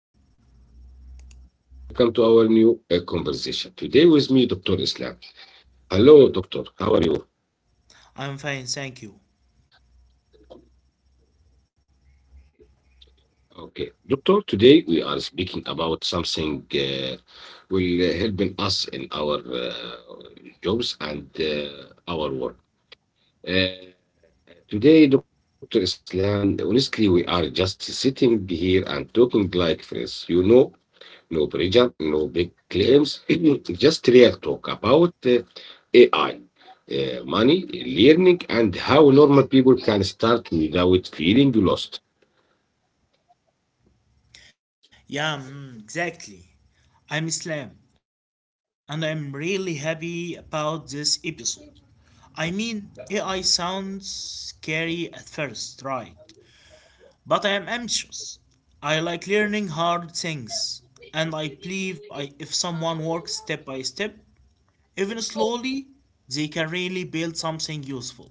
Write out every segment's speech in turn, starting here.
Everyone. Welcome to our new conversation. Today with me, Dr. Islam. Hello, Doctor. How are you? I'm fine, thank you. Okay, Doctor. Today we are speaking about something will helping us in our jobs and our work. Uh, today, Doctor Islam. Honestly, we are just sitting here and talking like friends. No pressure, no big claims, just real talk about AI, money, learning, and how normal people can start without feeling lost. Yeah, exactly. I'm Islam, and I'm really happy about this episode. I mean, AI sounds scary at first, right? But I am ambitious. I like learning hard things, and I believe if someone works step by step, even slowly, they can really build something useful.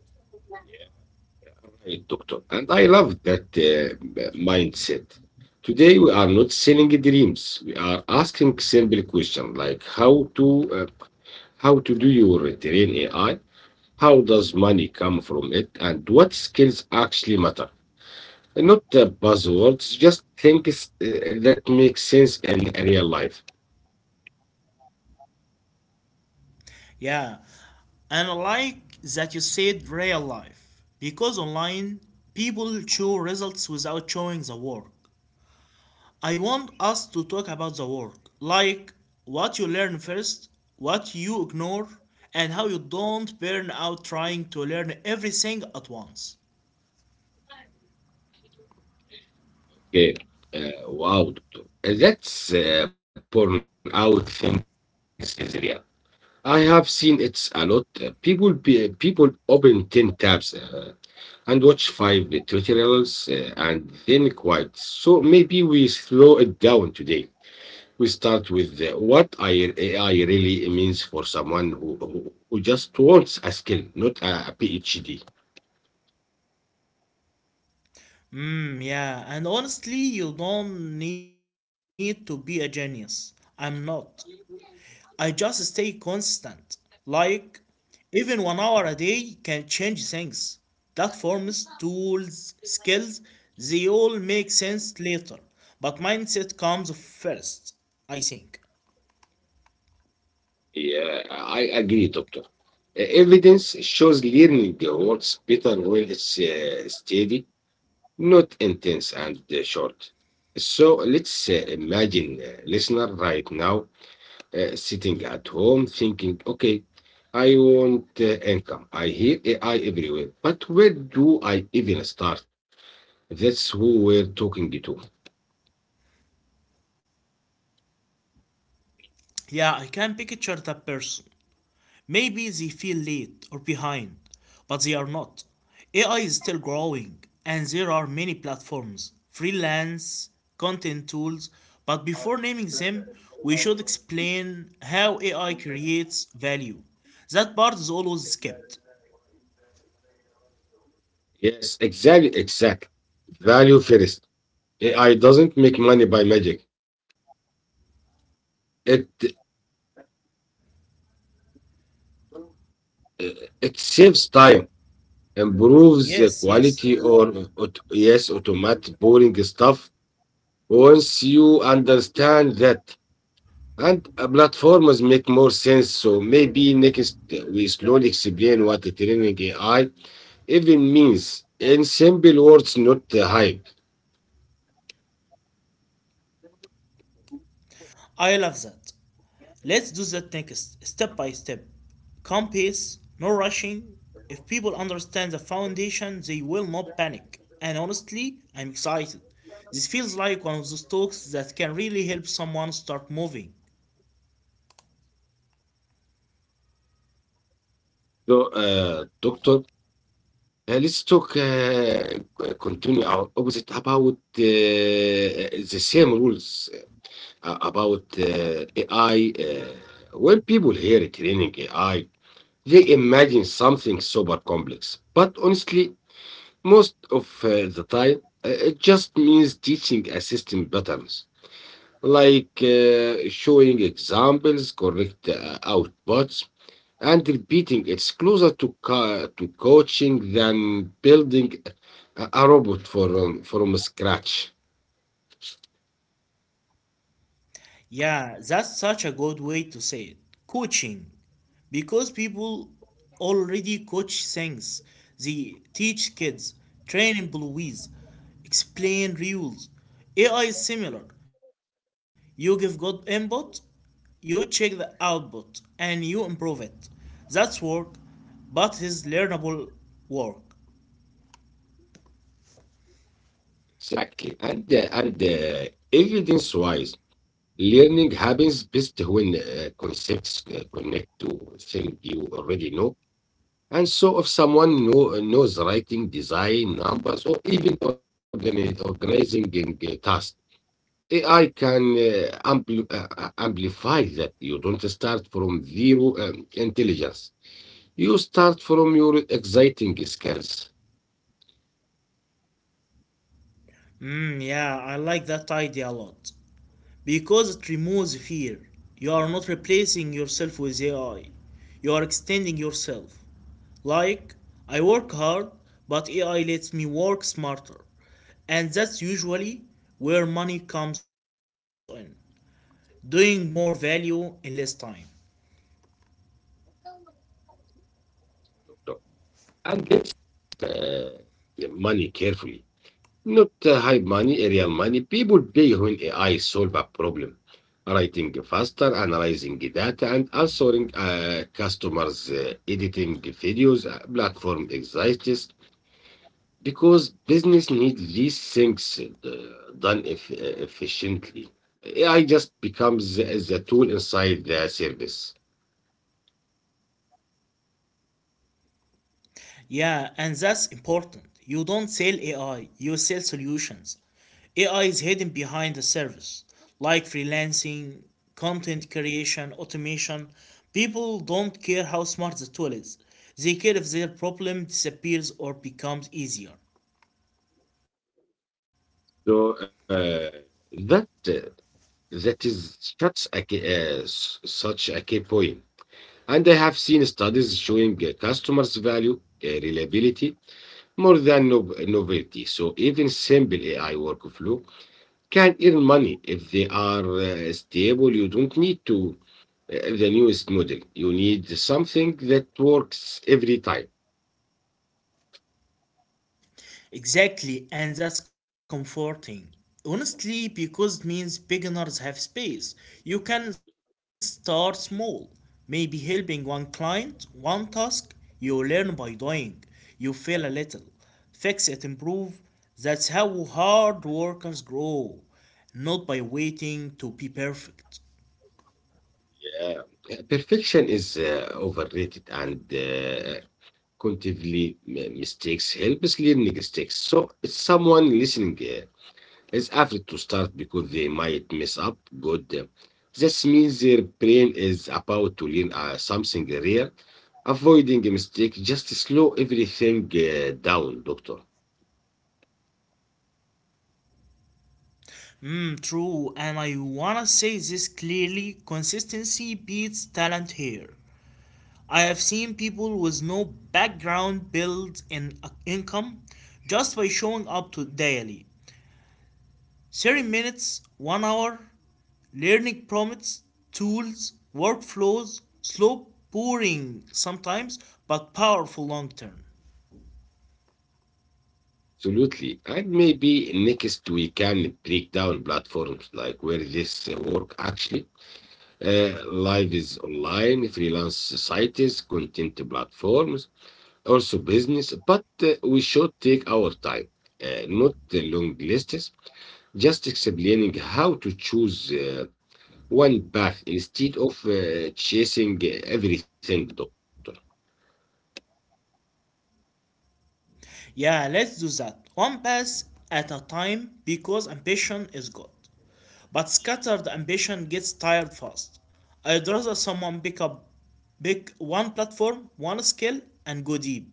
Yeah, right, doctor. And I love that mindset. Today, we are not selling dreams. We are asking simple questions like uh, how to do your train AI, how does money come from it, and what skills actually matter. Not buzzwords, just things that make sense in real life. Yeah. And I like that you said real life because online people show results without showing the work. I want us to talk about the work, like what you learn first, what you ignore, and how you don't burn out trying to learn everything at once. Okay. Wow. Doctor. That's burn out things is real. I have seen it's a lot. People open 10 tabs and watch five tutorials and then quiet. So maybe we slow it down today. We start with AI really means for someone who just wants a skill, not a PhD. Yeah, and honestly, you don't need to be a genius. I'm not. I just stay constant. Like, even 1 hour a day can change things. Platforms, tools, skills, they all make sense later. But mindset comes first, I think. Yeah, I agree, doctor. Evidence shows learning works better when it's steady, not intense and short. So let's imagine listener right now sitting at home thinking, okay, I want income. I hear AI everywhere, but where do I even start? That's who we're talking to. Yeah, I can picture that person. Maybe they feel late or behind, but they are not. AI is still growing, and there are many platforms, freelance, content tools, but before naming them, we should explain how AI creates value. That part is always skipped. Yes, exactly, exactly. Value first. AI doesn't make money by magic. It uh, it saves time, Yes, improves the yes, quality, or yes, automate boring stuff. Once you understand that, and platforms make more sense. So maybe next we slowly explain what the training AI even means in simple words, not the hype. I love that. Let's do that thing step by step. Calm pace, no rushing. If people understand the foundation, they will not panic. And honestly, I'm excited. This feels like one of those talks that can really help someone start moving. So, doctor, let's talk continue our opposite about the same rules about AI. When people hear training AI, they imagine something super complex. But honestly, most of the time, it just means teaching a system patterns, like showing examples, correct outputs, and repeating it's closer to to coaching than building a robot from scratch. Yeah, that's such a good way to say it. Coaching. Because people already coach things. They teach kids, train employees, explain rules. AI is similar. You give good input, you check the output, and you improve it. That's work, but it's learnable work. Exactly and evidence wise, learning happens best when concepts connect to things you already know. And so if knows writing design numbers or even organizing tasks, AI can amplify that. You don't start from zero intelligence. You start from your exciting skills. Yeah, I like that idea a lot, because it removes fear. You are not replacing yourself with AI. You are extending yourself. Like, I work hard, but AI lets me work smarter. And that's usually where money comes in, doing more value in less time. And this uh, money carefully. Not high money, real money. People pay when AI solve a problem, writing faster, analyzing data, and answering customers, editing videos, platform exists because business need these things uh, done efficiently. AI just becomes the tool inside the service. Yeah, and that's important. You don't sell AI, you sell solutions. AI is hidden behind the service, like freelancing, content creation, automation. People don't care how smart the tool is, they care if their problem disappears or becomes easier. So that uh, that is such a key, such a key point. And I have seen studies showing customers value reliability more than novelty. So even simple AI workflow can earn money if they are stable. You don't need to the newest model. You need something that works every time. Exactly, and that's comforting. Honestly, because it means beginners have space. You can start small, maybe helping one client, one task. You learn by doing. You fail a little, fix it, improve. That's how hard workers grow, not by waiting to be perfect. Yeah. Perfection is overrated and continually mistakes helps learning mistakes. So someone listening is afraid to start because they might mess up good. This means their brain is about to learn something rare. Avoiding a mistake just slow everything down, doctor. True, and I wanna say this clearly: consistency beats talent here. I have seen people with no background build income just by showing up to daily. 30 minutes, 1 hour, learning prompts, tools, workflows, slow, boring sometimes, but powerful long term. Absolutely. And maybe next we can break down platforms like where this work actually live is online, freelance societies, content platforms, also business, but we should take our time, not the long lists, just explaining how to choose one path instead of chasing everything, doctor. Yeah, let's do that. One pass at a time because ambition is good. But scattered ambition gets tired fast. I'd rather someone pick one platform, one skill, and go deep.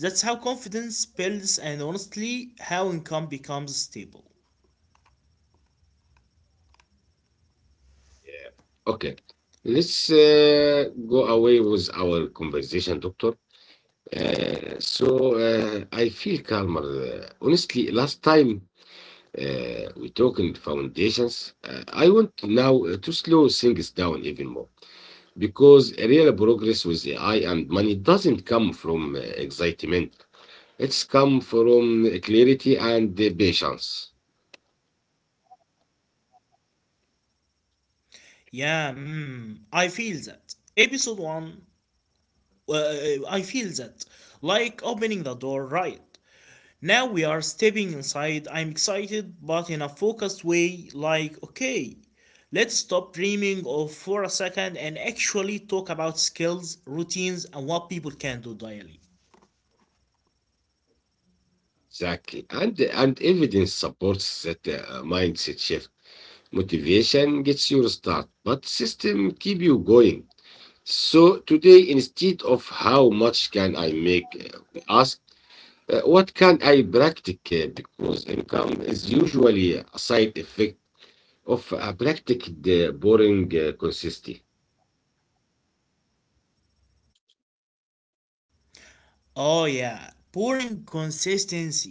That's how confidence builds and honestly how income becomes stable. Yeah. Okay. Let's go away with our conversation, doctor. So I feel calmer. Honestly, last time we talked in foundations, I want now to slow things down even more because real progress with AI and money doesn't come from excitement. It's come from clarity and patience. Yeah, I feel that. Episode 1, uh, I feel that. Like opening the door right. Now we are stepping inside. I'm excited, but in a focused way, like, okay, let's stop dreaming of for a second and actually talk about skills, routines, and what people can do daily. Exactly. And evidence supports that mindset shift. Motivation gets you start, but system keep you going. So today, instead of how much can I make, ask what can I practice because income is usually a side effect of a practiced boring consistency. Oh yeah, boring consistency.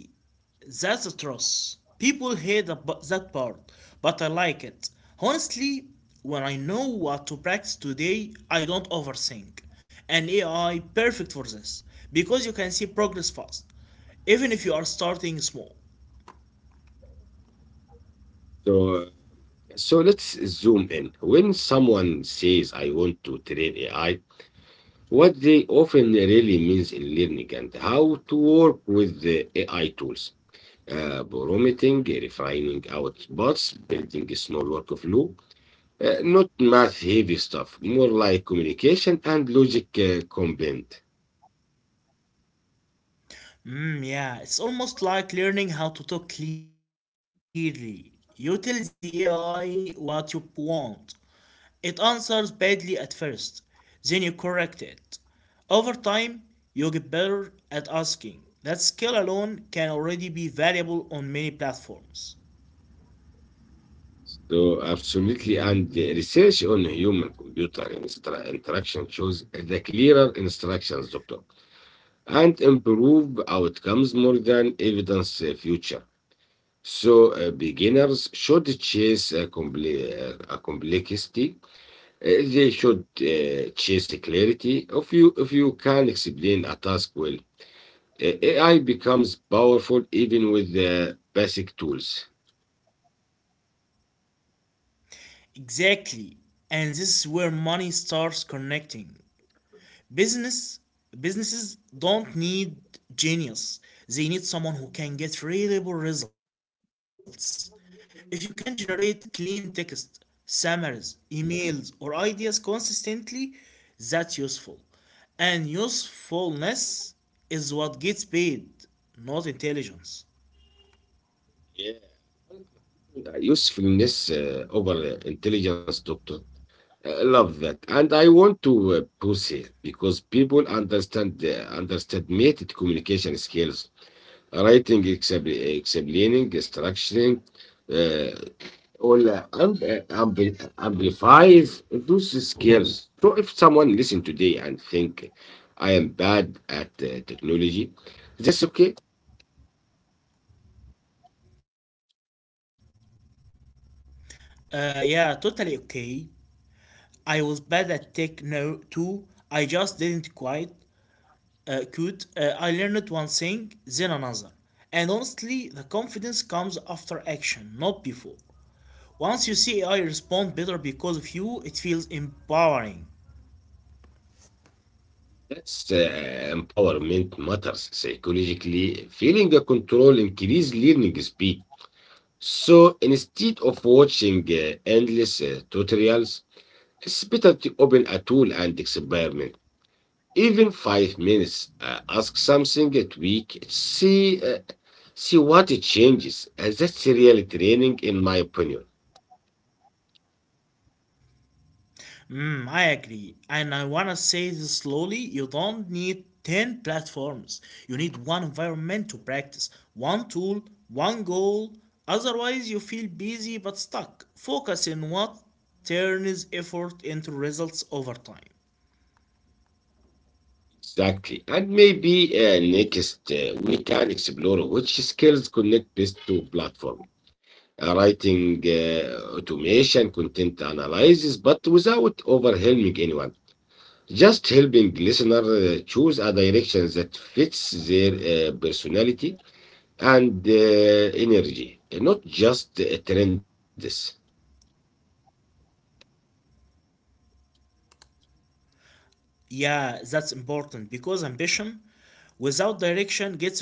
That's atrocious. People hate that part, but I like it. Honestly, when I know what to practice today, I don't overthink. And AI perfect for this because you can see progress fast, even if you are starting small. So, so let's zoom in. When someone says I want to train AI, what they often really means in learning and how to work with the AI tools. Prompting, refining outputs, building a small workflow, not math heavy stuff, more like communication and logic combined. Yeah, it's almost like learning how to talk clearly. You tell the AI what you want, it answers badly at first, then you correct it. Over time, you get better at asking. That skill alone can already be valuable on many platforms. So, absolutely. And the research on human computer interaction shows the clearer instructions, doctor, and improve outcomes more than evidence future. So, beginners should chase a complexity. They should chase clarity. If you can explain a task well, AI becomes powerful even with the basic tools. Exactly, and this is where money starts connecting. Business Businesses don't need genius. They need someone who can get reliable results. If you can generate clean text, summaries, emails, or ideas consistently, that's useful. And usefulness is what gets paid, not intelligence. Yeah, and, usefulness over intelligence, doctor. I love that, and I want to push it because people understand underestimated communication skills. Writing, explaining, structuring, uh, all amplifies those skills. So if someone listen today and think I am bad at technology, that's okay. Yeah, totally okay. I was bad at tech now too. I just didn't quite could. I learned one thing, then another. And honestly, the confidence comes after action, not before. Once you see AI respond better because of you, it feels empowering. That's empowerment matters psychologically. Feeling a control increase learning speed. So instead of watching endless tutorials, it's better to open a tool and experiment. Even five minutes, ask something at week, see what it changes. That's really training, in my opinion. I agree. And I wanna say this slowly: you don't need 10 platforms. You need one environment to practice, one tool, one goal. Otherwise, you feel busy but stuck. Focus on what turns effort into results over time. Exactly. And maybe next we can explore which skills connect best to platform. Writing, automation, content analysis, but without overwhelming anyone. Just helping listener choose a direction that fits their personality and energy, not just trends. Yeah, that's important because ambition without direction gets exhausting.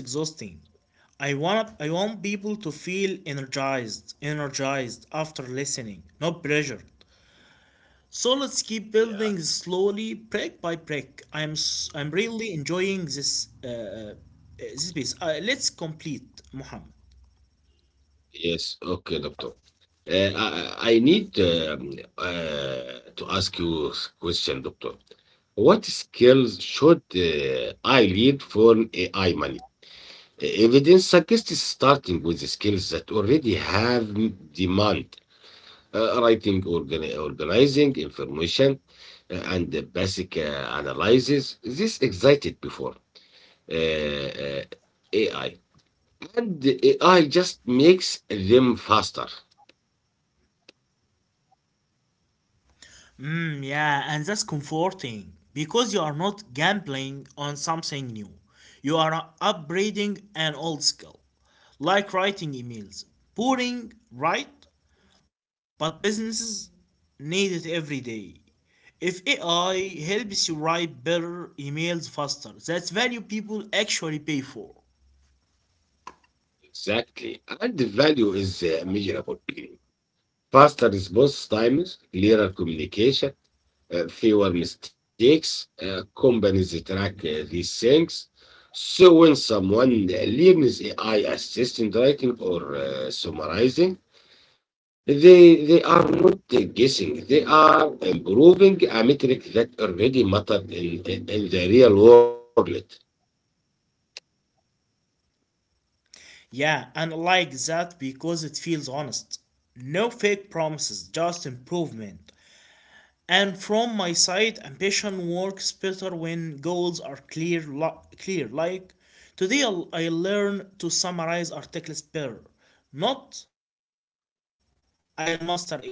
I want people to feel energized after listening, not pressured. So let's keep building Yeah. slowly, brick by brick. I'm really enjoying this this piece. Let's complete, Muhammad. Yes, okay, doctor. Uh, I, I need to ask you a question, doctor. What skills should I lead for AI money? Evidence suggests starting with the skills that already have demand, writing, organizing information, and the basic analysis. This excited before. uh, AI. And the AI just makes them faster. Yeah, and that's comforting because you are not gambling on something new. You are upgrading an old skill, like writing emails. Boring, right? But businesses need it every day. If AI helps you write better emails faster, that's value people actually pay for. Exactly. And the value is measurable. Faster response times, clearer communication, fewer mistakes. Companies track these things. So when someone learns AI assistant writing or summarizing, they are not guessing. They are improving a metric that already mattered in the real world. Yeah, and I like that because it feels honest. No fake promises, just improvement. And from my side, ambition works better when goals are clear. Clear. Like today, I learn to summarize articles better, not I'll master AI.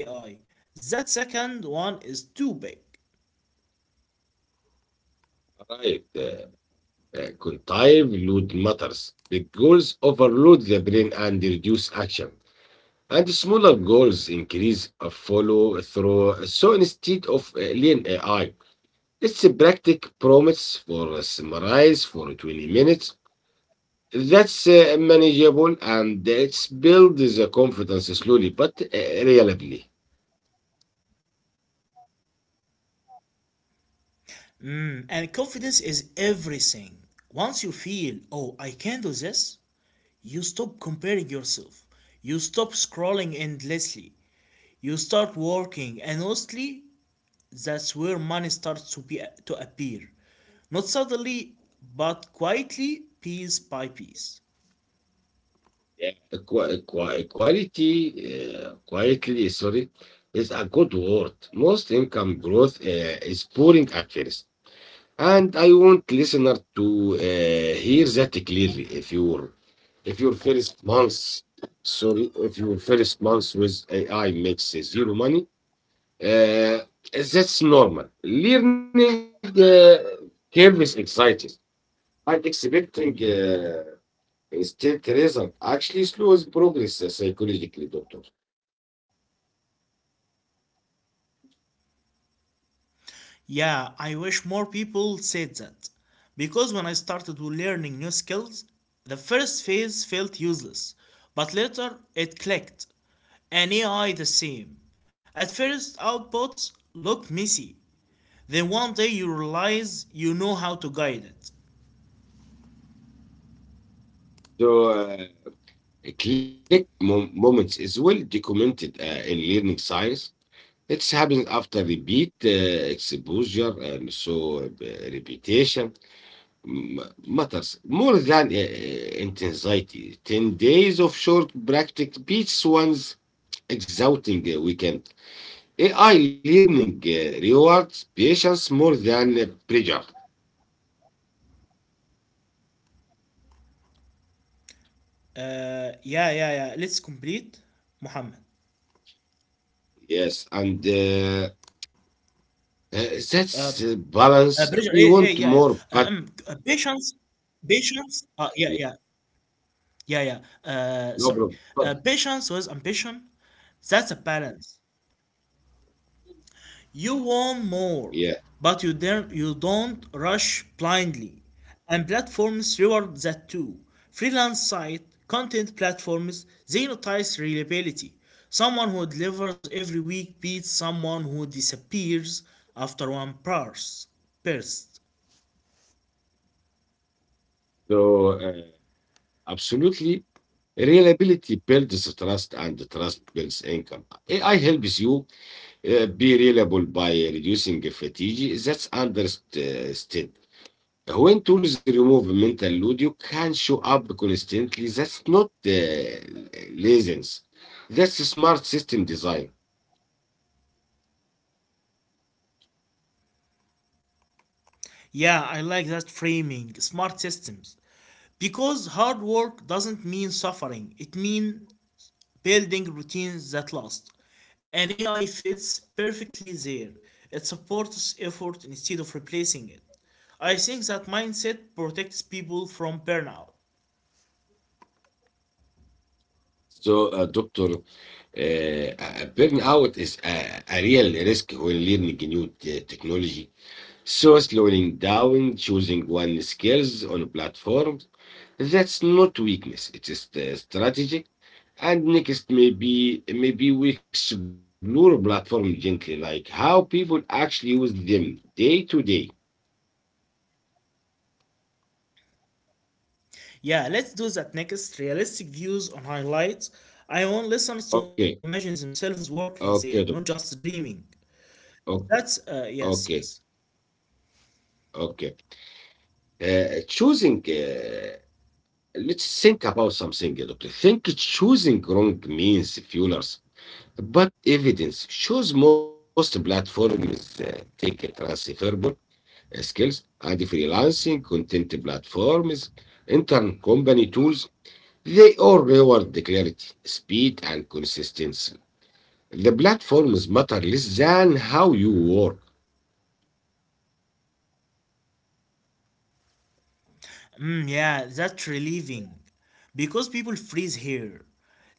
That second one is too big. Right. Cognitive load matters. Big goals overload the brain and reduce action. And smaller goals increase a follow through. So instead of lean AI, it's a practice promise for a summarize for 20 minutes. That's manageable and it builds the confidence slowly but reliably. Mm, and confidence is everything. Once you feel, oh, I can do this, you stop comparing yourself. You stop scrolling endlessly. You start working and mostly, that's where money starts to appear, not suddenly but quietly, piece by piece. Yeah. Quality, quietly, sorry, is a good word. Most income growth is boring at first. And I want listener to hear that clearly. If your first months, sorry, if your first months with AI makes zero money, Uh, that's normal. Learning curve is exciting. And expecting instant result actually slows progress psychologically, doctor. Yeah, I wish more people said that because when I started learning new skills the first phase felt useless but later it clicked, and AI the same. At first, outputs look messy. Then one day you realize you know how to guide it. So, moments is well documented in learning science. It happens after repeat exposure and so repetition. M matters more than intensity. 10 days of short practice beats one's exhausting weekend. AI learning rewards patience more than pressure. Yeah. Let's complete Muhammad. Yes, and Uh, that's balance. Pressure, We yeah, yeah, want yeah, yeah. more, but Patience, patience. Yeah, Yeah, yeah, yeah. no problem. Sorry. But Patience was ambition. That's a balance. You want more, yeah, but you don't rush blindly. And platforms reward that too. Freelance site, content platforms, they notice reliability. Someone who delivers every week beats someone who disappears after one burst. so uh, absolutely, reliability builds trust, and trust builds income. AI helps you be reliable by reducing fatigue. That's understood. When tools remove mental load, you can show up constantly. That's not laziness. That's a smart system design. Yeah, I like that framing. Smart systems. Because hard work doesn't mean suffering, it means building routines that last. An AI fits perfectly there. It supports effort instead of replacing it. I think that mindset protects people from burnout. So, doctor, burnout is a real risk when learning new technology. So, slowing down, choosing one skills on platform, that's not weakness, it is the strategic. And next, maybe we explore platform gently, like how people actually use them day to day. Yeah, let's do that next. Realistic views on highlights. I want listeners to Okay, imagine themselves working there, not okay, just doctor. dreaming. O- That's, yes, yes. Okay, okay. Uh, choosing, uh, let's think about something, doctor. Think choosing wrong means fuelers, but evidence shows most platforms take a transferable skills and freelancing content platforms, inter-company tools. They all reward the clarity, speed, and consistency. The platforms matter less than how you work. Yeah, that's relieving. Because people freeze here.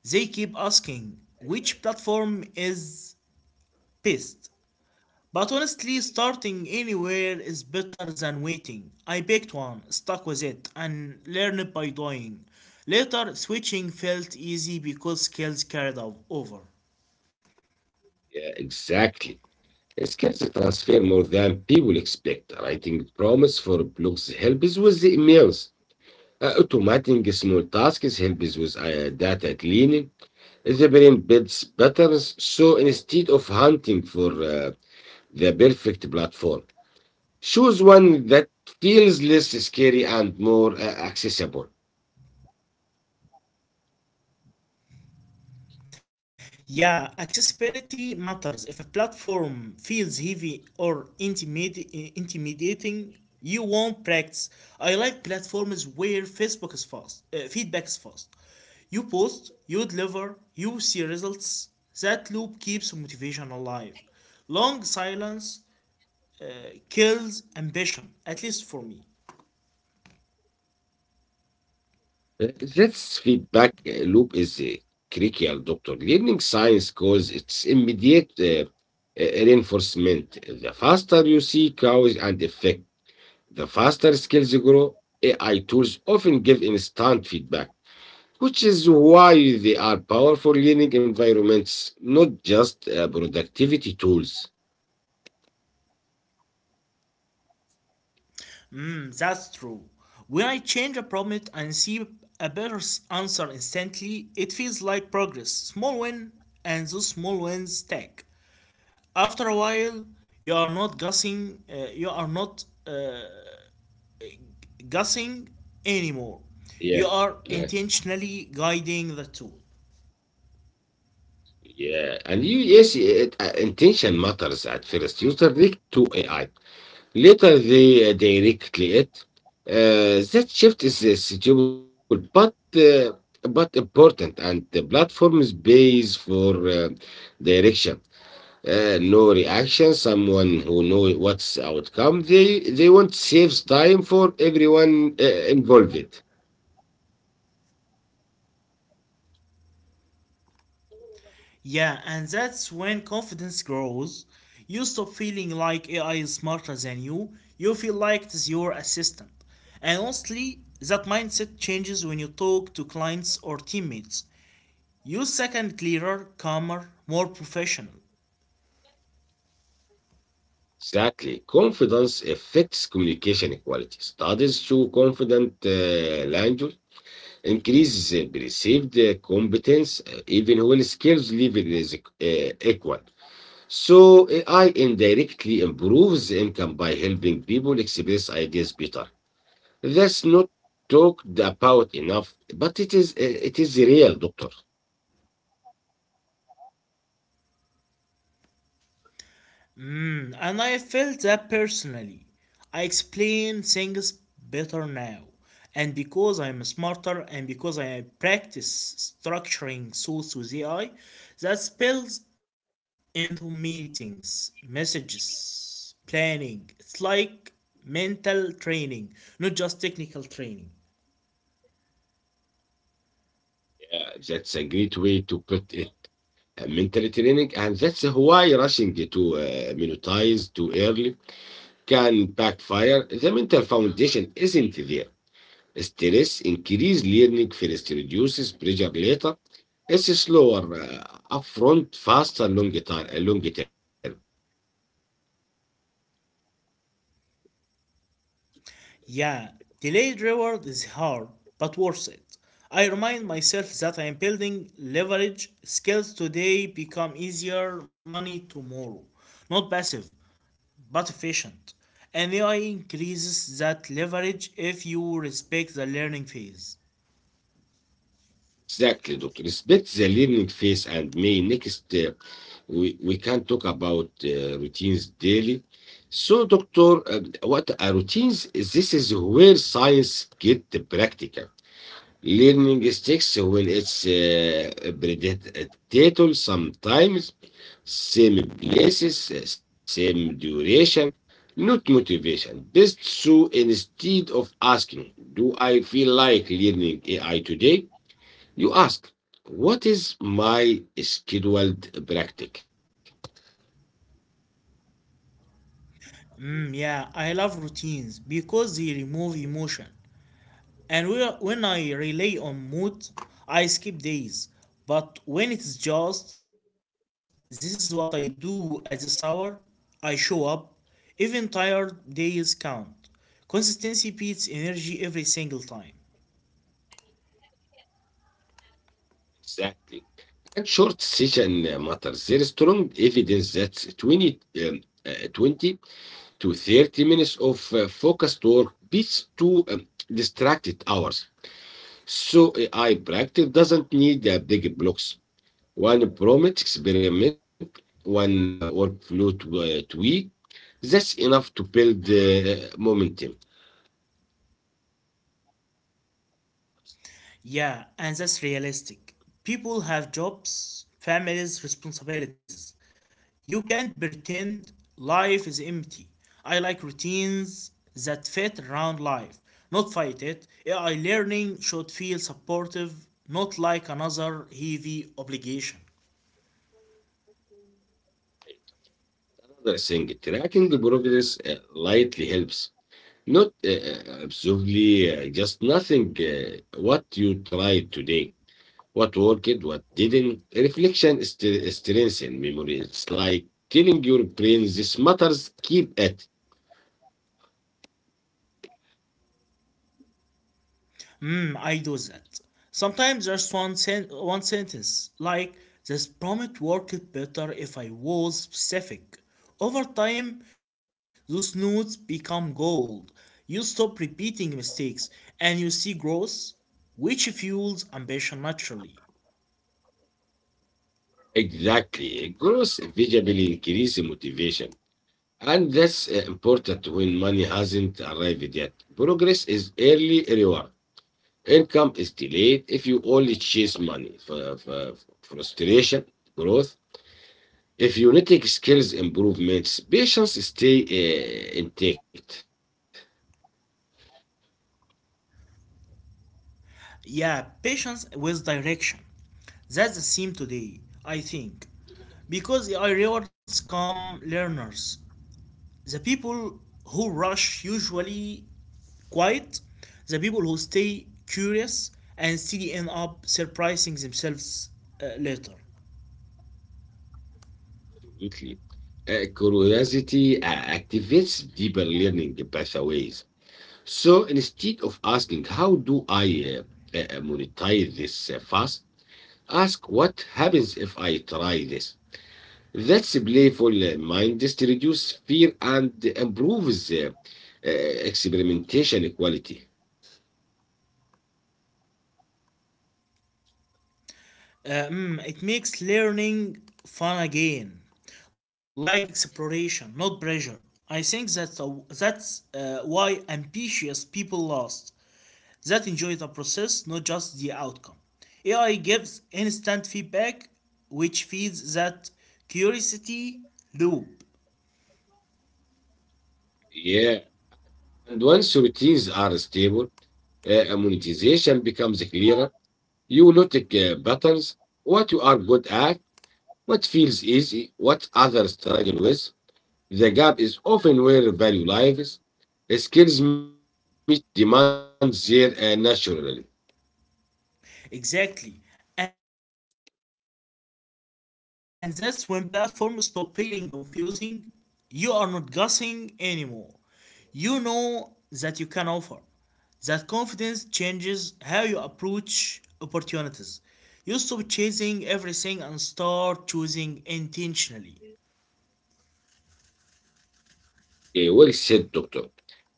They keep asking which platform is best. But honestly, starting anywhere is better than waiting. I picked one, stuck with it, and learned by doing. Later, switching felt easy because skills carried over. Yeah, exactly. Skills transfer more than people expect. Writing prompts for blogs helps with the emails. Automating small tasks helps with data cleaning. The brain builds patterns. So instead of hunting for the perfect platform. Choose one that feels less scary and more accessible. Yeah, accessibility matters. If a platform feels heavy or intimidating, you won't practice. I like platforms where feedback is fast. You post, you deliver, you see results. That loop keeps motivation alive. Long silence kills ambition, at least for me. Uh, This feedback loop is critical, doctor. Learning science cause its immediate reinforcement. The faster you see cause and effect, the faster skills grow. AI tools often give instant feedback, which is why they are powerful learning environments, not just productivity tools. That's true. When I change a problem and see a answer instantly, it feels like progress. Small win, and those small wins stack. After a while, you are not guessing. Guessing anymore. Yeah, You are yeah. intentionally guiding the tool. Yeah, and you Intention matters at first. User direct to AI. Later, they directly it. That shift is suitable, but important, and the platforms pays for direction. No reaction. Someone who know what's outcome. They want saves time for everyone involved. Yeah, and that's when confidence grows. You stop feeling like AI is smarter than you, you feel like it is your assistant. And honestly, that mindset changes when you talk to clients or teammates. You're second clearer, calmer, more professional. Exactly. Confidence affects communication quality. Studies show confident language increases perceived competence even when skills level is equal. So AI indirectly improves income by helping people express ideas better. That's not talked about enough, but it is real, doctor. And I felt that personally. I explain things better now. And because I'm smarter and because I practice structuring thoughts with AI, that spills into meetings, messages, planning. It's like mental training, not just technical training. Yeah, that's a great way to put it. Mental training, and that's why rushing to monetize too early can backfire. The mental foundation isn't there. Stress increases learning first, reduces pressure later. It's slower upfront, faster, long term. Long term. Yeah, delayed reward is hard, but worth it. I remind myself that I am building leverage. Skills today become easier, money tomorrow. Not passive, but efficient. And AI increases that leverage if you respect the learning phase. Exactly, Doctor. Respect the learning phase and may next we can talk about routines daily. So, Doctor, what are routines? This is where science get the practical. Learning sticks when it's predictable sometimes, same places, same duration, not motivation. Best so instead of asking, do I feel like learning AI today? You ask, what is my scheduled practice? Yeah, I love routines because they remove emotion. And when I rely on mood, I skip days. But when it's just, this is what I do at this hour, I show up. Even tired days count. Consistency beats energy every single time. Exactly. And short session matters. There is strong evidence that 20, um, uh, 20 to 30 minutes of focused work beats two distracted hours. So AI practice doesn't need big blocks. One prompt experiment, one workflow to, tweak, that's enough to build momentum. Yeah, and that's realistic. People have jobs, families, responsibilities. You can't pretend life is empty. I like routines that fit around life, not fight it. AI learning should feel supportive, not like another heavy obligation. Another thing, tracking progress lightly helps. Not absolutely, just nothing. Uh, what you tried today, what worked, what didn't. Strengthens memory. It's like telling your brain this matters, keep it. I do that. Sometimes just one sentence, like, this prompt worked better if I was specific. Over time, those notes become gold. You stop repeating mistakes and you see growth, which fuels ambition naturally. Exactly. Growth visibly increases motivation. And that's important when money hasn't arrived yet. Progress is early reward. Income is delayed if you only chase money. Frustration, growth. If you neglect skills improvements, patience stay intact. Yeah, patience with direction. That's the theme today, I think. Because I rewards come learners, the people who rush usually quiet. The people who stay curious and still end up surprising themselves later. Absolutely. Curiosity activates deeper learning pathways. So instead of asking, how do I monetize this fast? Ask, what happens if I try this? That's a playful mind just reduce fear and improves uh, experimentation quality. It makes learning fun again, like exploration, not pressure. I think that's why ambitious people last, that enjoy the process, not just the outcome. AI gives instant feedback, which feeds that curiosity loop. Yeah. And once routines are stable, monetization becomes clearer. You notice patterns, what you are good at, what feels easy, what others struggle with. The gap is often where value lies. Skills meet demands there naturally. Exactly. And that's when platforms stop feeling confusing. You are not guessing anymore. You know that you can offer. That confidence changes how you approach opportunities. You stop chasing everything and start choosing intentionally. Okay, well said, doctor.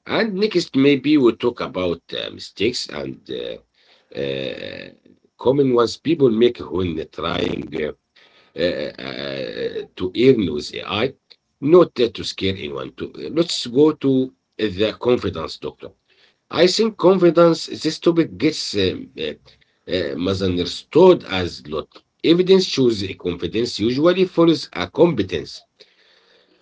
And next, maybe we talk about mistakes and uh, common ones people make when trying to earn with AI. Not to scare anyone. To, let's go to the confidence, doctor. I think confidence, this topic gets misunderstood as lot. Evidence shows a confidence usually follows a competence.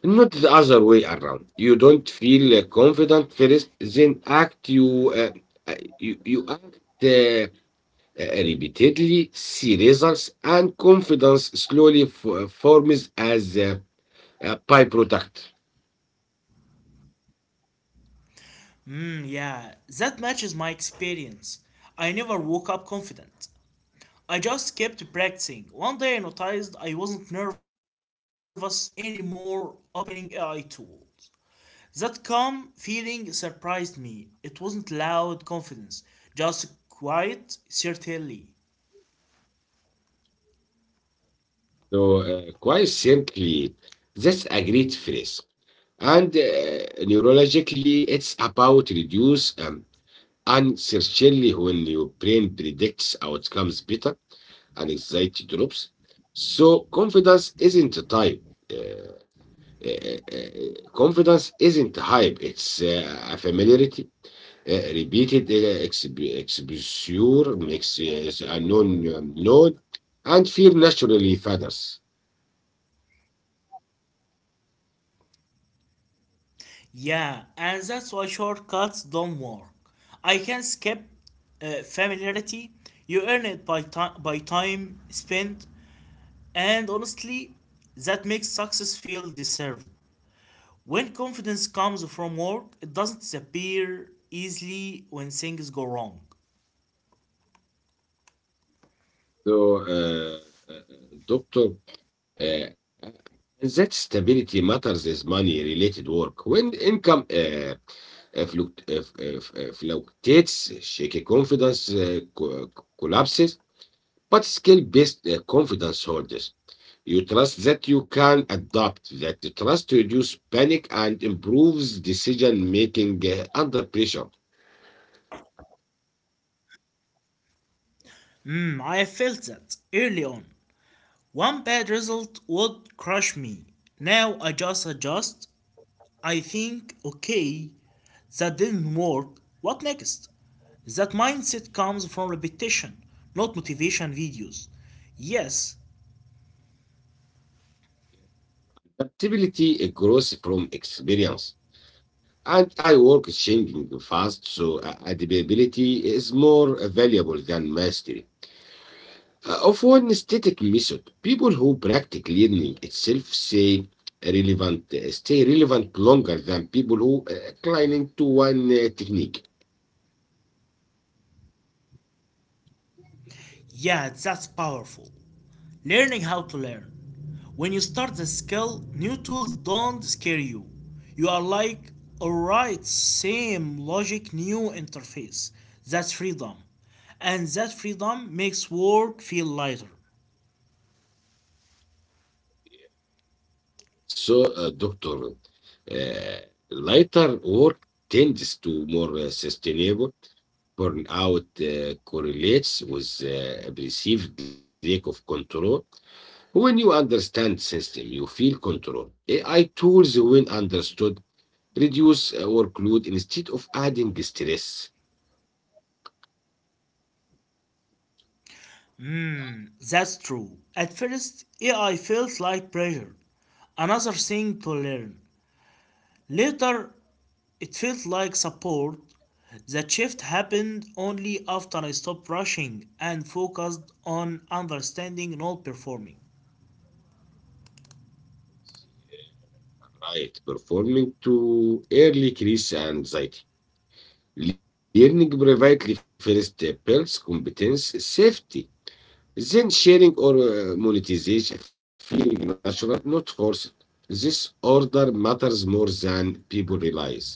Not the other way around. You don't feel confident first, then act. You act repeatedly, see results, and confidence slowly forms as a byproduct. Mm, yeah, that matches my experience. I never woke up confident. I just kept practicing. One day I noticed I wasn't nervous anymore opening AI tools. That calm feeling surprised me. It wasn't loud confidence, just quiet certainty. So, quite simply, that's a great phrase. And neurologically, it's about reduce uncertainty when your brain predicts outcomes better and anxiety drops. So confidence isn't a type. Uh, confidence isn't hype. It's a familiarity. Repeated exposure makes a known known, and fear naturally fathers. Yeah, and that's why shortcuts don't work. I can skip familiarity. You earn it by time spent, and honestly, that makes success feel deserved. When confidence comes from work, it doesn't disappear easily when things go wrong. So, doctor, Uh, and that stability matters as money-related work. When income fluctuates, shaky confidence collapses, but skill-based confidence holds. You trust that you can adapt, that trust reduces panic and improves decision-making under pressure. Mm, I felt that early on. One bad result would crush me. Now I just adjust. I think, okay, that didn't work. What next? That mindset comes from repetition, not motivation videos. Yes, Adaptability grows from experience. And AI work is changing fast, so adaptability is more valuable than mastery. Of one static method, people who practice learning itself say relevant, stay relevant longer than people who clinging to one technique. yeah, that's powerful. Learning how to learn. When you start the skill, new tools don't scare you. You are like, alright, same logic, new interface. That's freedom. And that freedom makes work feel lighter. So, doctor, uh, lighter work tends to more sustainable burnout correlates with a perceived lack of control. When you understand system, you feel control. AI tools, when understood, reduce workload instead of adding stress. That's true. At first, AI felt like pressure. Another thing to learn. Later, it felt like support. That shift happened only after I stopped rushing and focused on understanding, not performing. Right, performing to early creates anxiety. Learning privately first builds competence, safety. Then sharing or monetization feeling natural, not forced. This order matters more than people realize.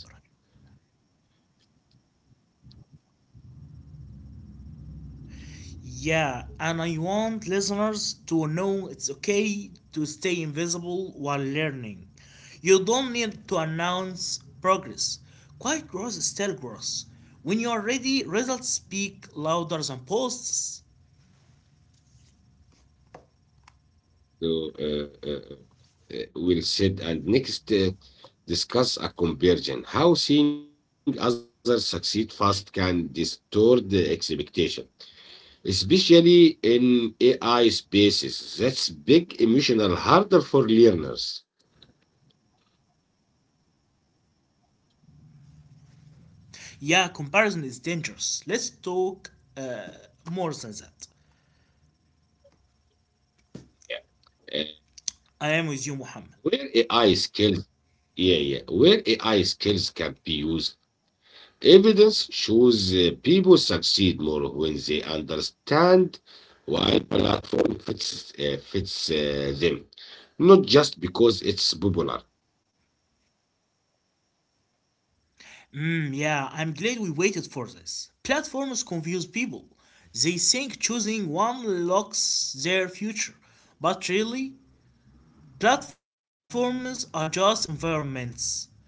Yeah, and I want listeners to know it's okay to stay invisible while learning. You don't need to announce progress. Quiet growth is still growth. When you are ready, results speak louder than posts. So, we'll sit and next discuss a conversion. How seeing others succeed fast can distort the expectation, especially in AI spaces. That's big emotional harder for learners. Yeah, comparison is dangerous. Let's talk uh, more than that. Yeah. Uh, I am with you, Muhammad. where AI skills, yeah, yeah, where AI skills can be used. Evidence shows people succeed more when they understand why platform fits, fits them, not just because it's popular. Mm, yeah, I'm glad we waited for this. Platforms confuse people. They think choosing one locks their future, but really, platforms are just environments,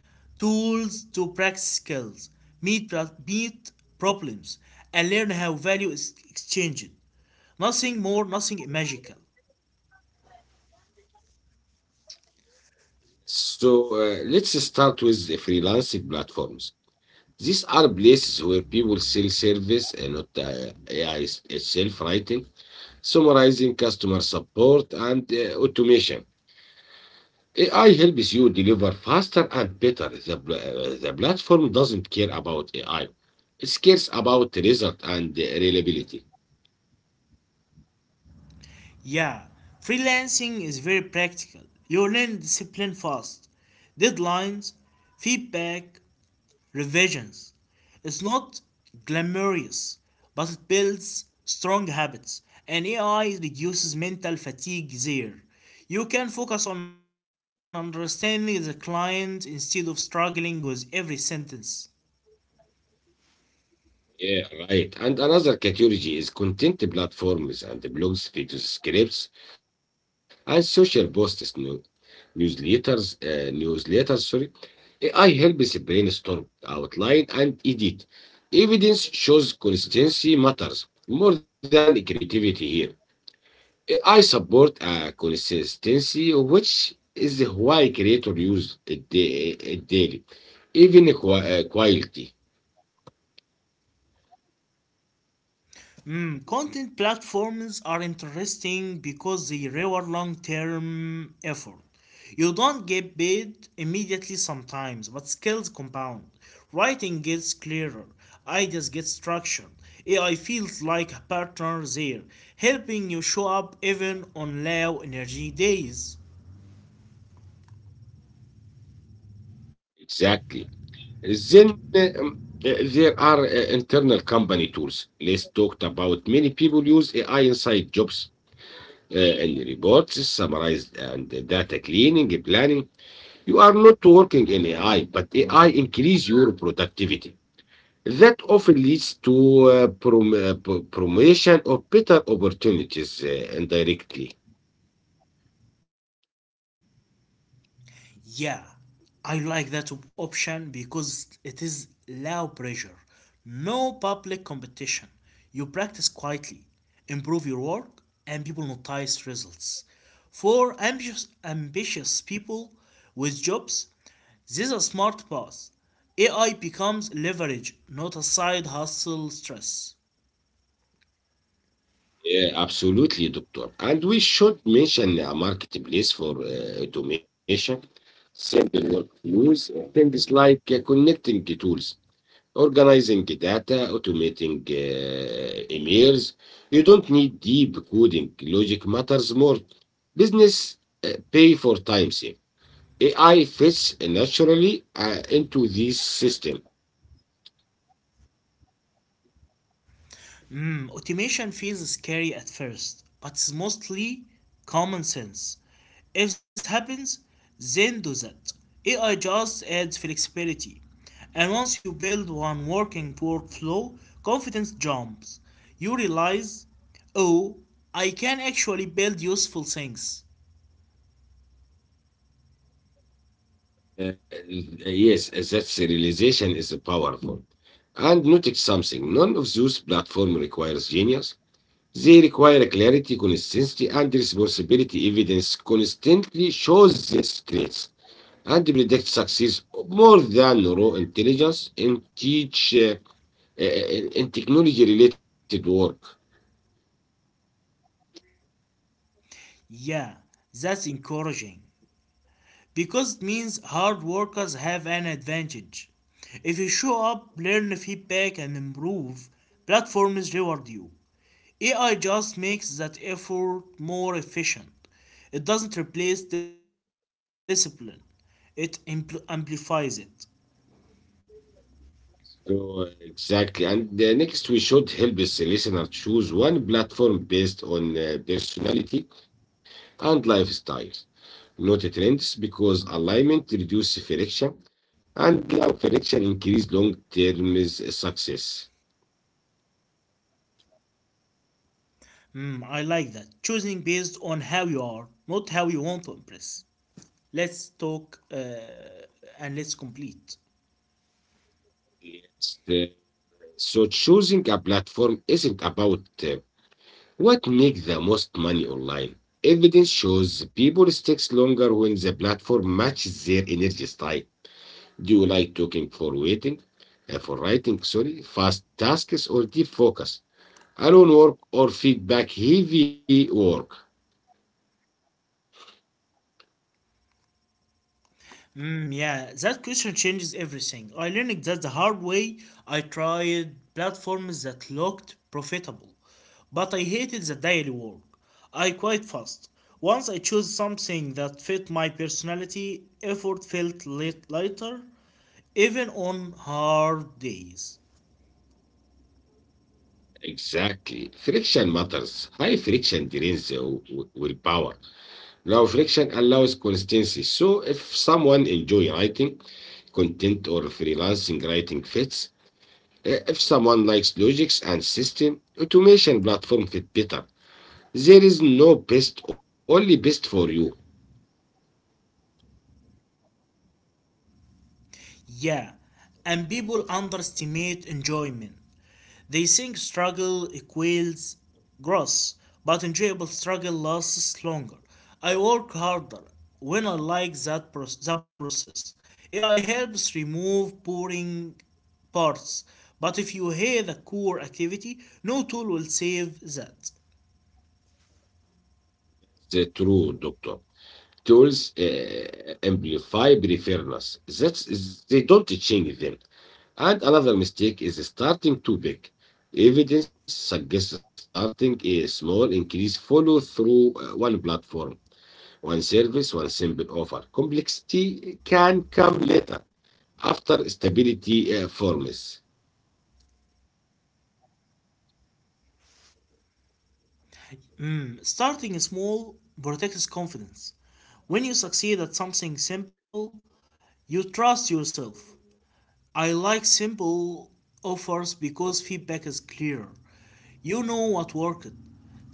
tools to practice skills, meet problems, and learn how value is exchanged. Nothing more, nothing magical. So let's start with the freelancing platforms. These are places where people sell service and not AI itself writing, summarizing customer support and automation. AI helps you deliver faster and better. The platform doesn't care about AI. It cares about result and reliability. Yeah, freelancing is very practical. You learn discipline fast, deadlines, feedback, revisions. It's not glamorous, but it builds strong habits, and AI reduces mental fatigue there. You can focus on understanding the client instead of struggling with every sentence. Yeah, right. And another category is content platforms and the blogs, videos, scripts, and social posts, newsletters, sorry. AI helps brainstorm, outline, and edit. Evidence shows consistency matters more than creativity here. I support consistency, which is why creators use it daily, even quality. Mm, content platforms are interesting because they reward long term effort. You don't get paid immediately sometimes, but skills compound. Writing gets clearer, ideas get structured. AI feels like a partner there, helping you show up even on low energy days. Exactly. Then there are internal company tools. Let's talk about many people use AI inside jobs and reports, summarize and data cleaning, planning. You are not working in AI, but AI increase your productivity. That often leads to promotion of better opportunities indirectly. Yeah, I like that option because it is low pressure, no public competition. You practice quietly, improve your work, and people notice results. For ambitious people with jobs, this is a smart path. AI becomes leverage, not a side hustle stress. Yeah, absolutely, doctor. And we should mention a marketplace for automation, simple workflows, and things like connecting the tools, organizing data, automating emails. You don't need deep coding. Logic matters more. Business pay for time save. AI fits naturally into this system. Automation feels scary at first, but it's mostly common sense. If this happens, then do that. AI just adds flexibility. And once you build one working workflow, confidence jumps. You realize, oh, I can actually build useful things. Uh, yes, that realization is powerful. And notice something. None of those platform requires genius. They require clarity, consistency, and responsibility. Evidence constantly shows these traits and predicts success more than raw intelligence in technology related work. Yeah, that's encouraging, because it means hard workers have an advantage. If you show up, learn feedback, and improve, platforms reward you. AI just makes that effort more efficient. It doesn't replace discipline, it amplifies it. So exactly, and next we should help this listener choose one platform based on personality and lifestyle, not a trends, because alignment reduces friction, and friction increase long-term success. Hmm, I like that. Choosing based on how you are, not how you want to impress. Let's talk and let's complete. Yes. So choosing a platform isn't about what makes the most money online. Evidence shows people sticks longer when the platform matches their energy style. Do you like talking for waiting, for writing, sorry, fast tasks or deep focus, alone work or feedback heavy work? Mm, yeah, that question changes everything. I learned that the hard way. I tried platforms that looked profitable, but I hated the daily work. I quit fast. Once I chose something that fit my personality, effort felt lighter, even on hard days. Exactly. Friction matters. High friction drains the willpower. Now, friction allows consistency. So, if someone enjoy writing content or freelancing writing fits. If someone likes logics and system, automation platform fit better. There is no best, only best for you. Yeah, and people underestimate enjoyment. They think struggle equals growth, but enjoyable struggle lasts longer. I work harder when I like the process. AI helps remove boring parts, but if you hate the core activity, no tool will save that. The true doctor. Tools amplify preferences. That's they don't change them. And another mistake is starting too big. Evidence suggests starting a small increase follow through one platform, one service, one simple offer. Complexity can come later after stability forms. Hmm, starting small protects confidence. When you succeed at something simple, you trust yourself. I like simple offers because feedback is clear. You know what worked.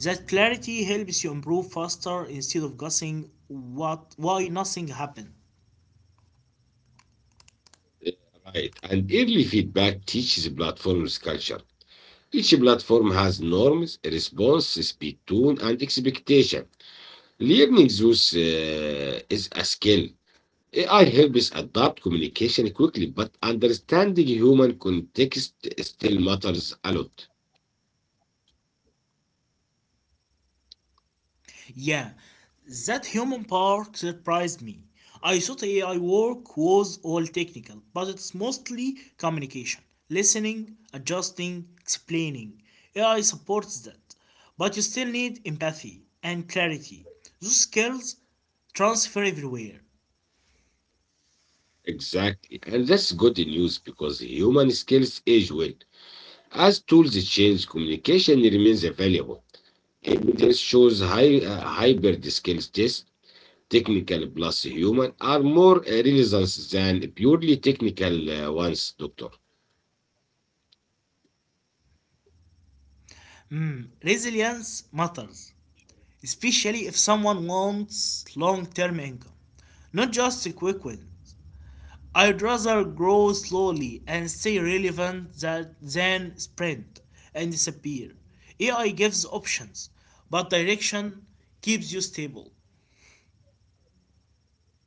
That clarity helps you improve faster instead of guessing what why nothing happened. Yeah, right. And early feedback teaches platforms culture. Each platform has norms, response, speed, tone, and expectation. Learning those is a skill. AI helps adapt communication quickly, but understanding human context still matters a lot. Yeah, that human part surprised me. I thought AI work was all technical, but it's mostly communication, listening, adjusting, explaining. AI supports that, but you still need empathy and clarity. Those skills transfer everywhere. Exactly. And that's good news because human skills age well. As tools change, communication remains valuable. Evidence shows hybrid skills yes, technical plus human are more relevant than purely technical ones, doctor. Resilience matters, especially if someone wants long term income, not just quick wins. I'd rather grow slowly and stay relevant than sprint and disappear. AI gives options, but direction keeps you stable.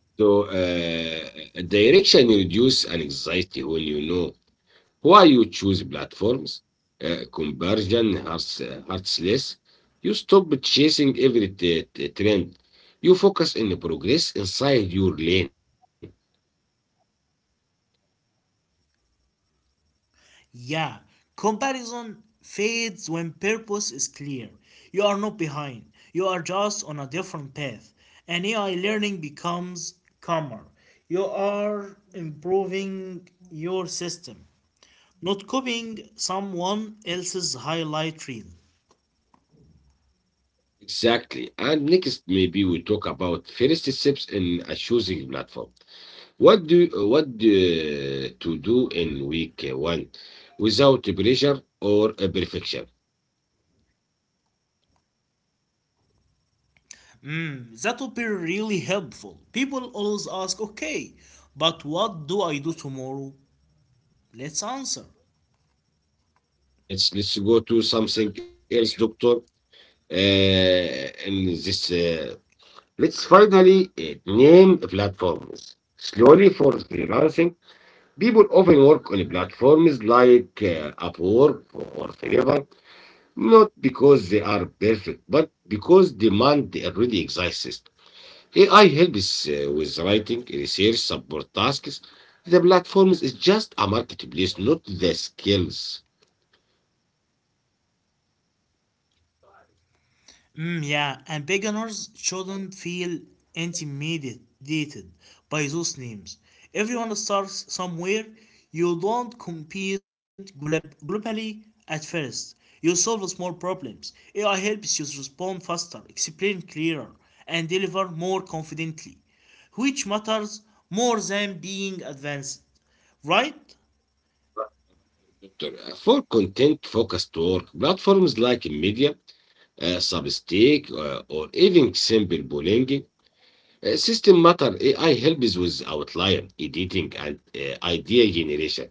So direction reduce anxiety when you know why you choose platforms. Conversion hurts, hurtless. You stop chasing every trend. You focus on progress inside your lane. Yeah, comparison fades when purpose is clear. You are not behind, you are just on a different path. And AI learning becomes calmer. You are improving your system, not copying someone else's highlight reel. Exactly. And next, maybe we talk about first steps in a choosing platform. What do to do in week 1 without pressure or perfection? Hmm, that would be really helpful. People always ask, okay, but what do I do tomorrow? Let's answer. Yes, let's go to something else, doctor. Uh, in this, uh, let's finally name platforms. Slowly for freelancing, people often work on platforms like Upwork or Fiverr, not because they are perfect, but because demand already exists. AI helps with writing, research, support tasks. The platform is just a marketplace, not the skills. Mm, yeah, and beginners shouldn't feel intimidated by those names. Everyone starts somewhere. You don't compete globally at first. You solve small problems. AI helps you respond faster, explain clearer, and deliver more confidently, which matters more than being advanced, right? For content focused work, platforms like Media, Substack, or even simple blogging system matter. AI helps with outline, editing, and idea generation.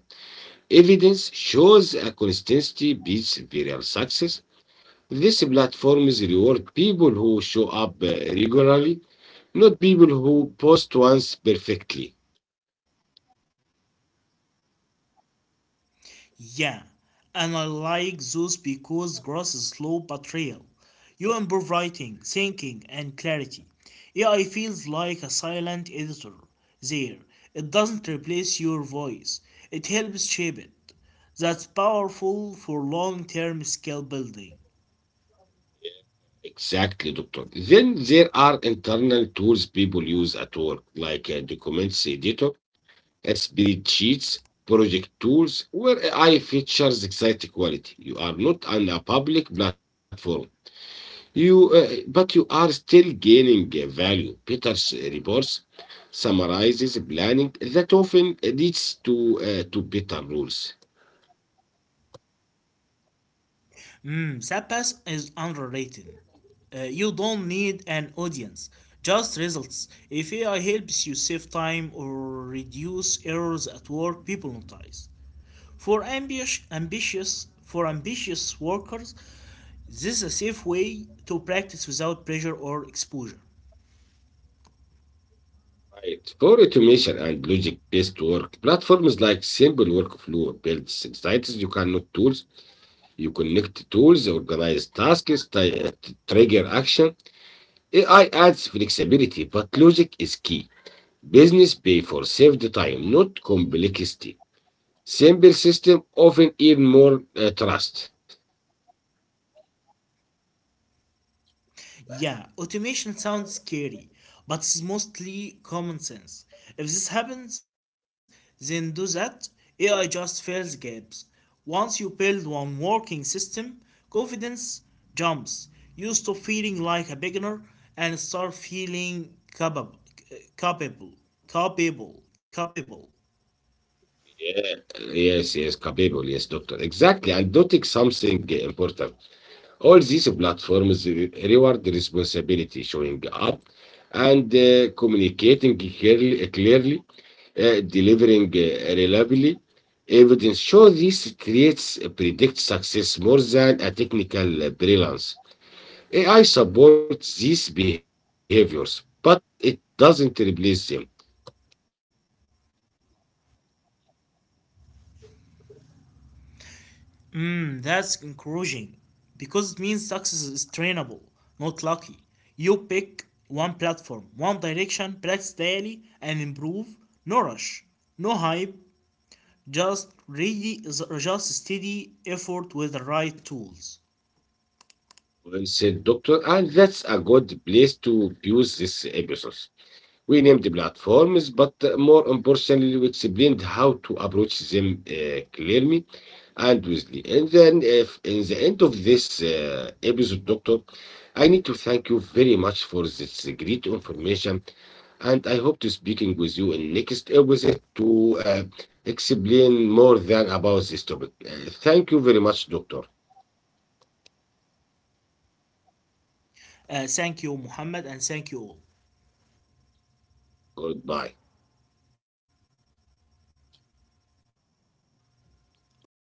Evidence shows a consistency beats viral success. These platforms reward people who show up regularly, not people who post once perfectly. Yeah, and I like those because grass is slow but real. You improve writing, thinking, and clarity. AI feels like a silent editor there. It doesn't replace your voice, it helps shape it. That's powerful for long term skill building. Exactly, doctor. Then there are internal tools people use at work, like a documents editor, spreadsheets, project tools, where AI features exact quality. You are not on a public platform. But you are still gaining value. Peter's reports summarizes planning that often leads to better rules. Hmm, Zappas is underrated. You don't need an audience, just results. If AI helps you save time or reduce errors at work, people notice. For for ambitious workers, this is a safe way to practice without pressure or exposure. Right. For automation and logic-based work, platforms like Simple Workflow builds insights you can tools, you connect tools, organize tasks, trigger action. AI adds flexibility, but logic is key. Business pay for saved time, not complexity. Simple system often earn more trust. Yeah, automation sounds scary, but it's mostly common sense. If this happens, then do that. AI just fills gaps. Once you build one working system, confidence jumps. You stop feeling like a beginner and start feeling capable, capable, capable, capable. Yeah, yes, doctor. Exactly. And noting something important. All these platforms reward responsibility, showing up and clearly, delivering reliably. Evidence show these traits predict success more than a technical brilliance. AI supports these behaviors, but it doesn't replace them. Hmm, that's encouraging because it means success is trainable, not lucky. You pick one platform, one direction, practice daily, and improve. No rush, no hype, just ready, just steady effort with the right tools. Well said, doctor, and that's a good place to use this episode. We named the platforms, but more importantly, we explained how to approach them clearly and wisely. And then, if in the end of this episode, Doctor, I need to thank you very much for this great information. And I hope to speaking with you in next episode to uh, explain more than about this topic. Thank you very much, Doctor. Thank you, Muhammad, and thank you all. Goodbye. Bye.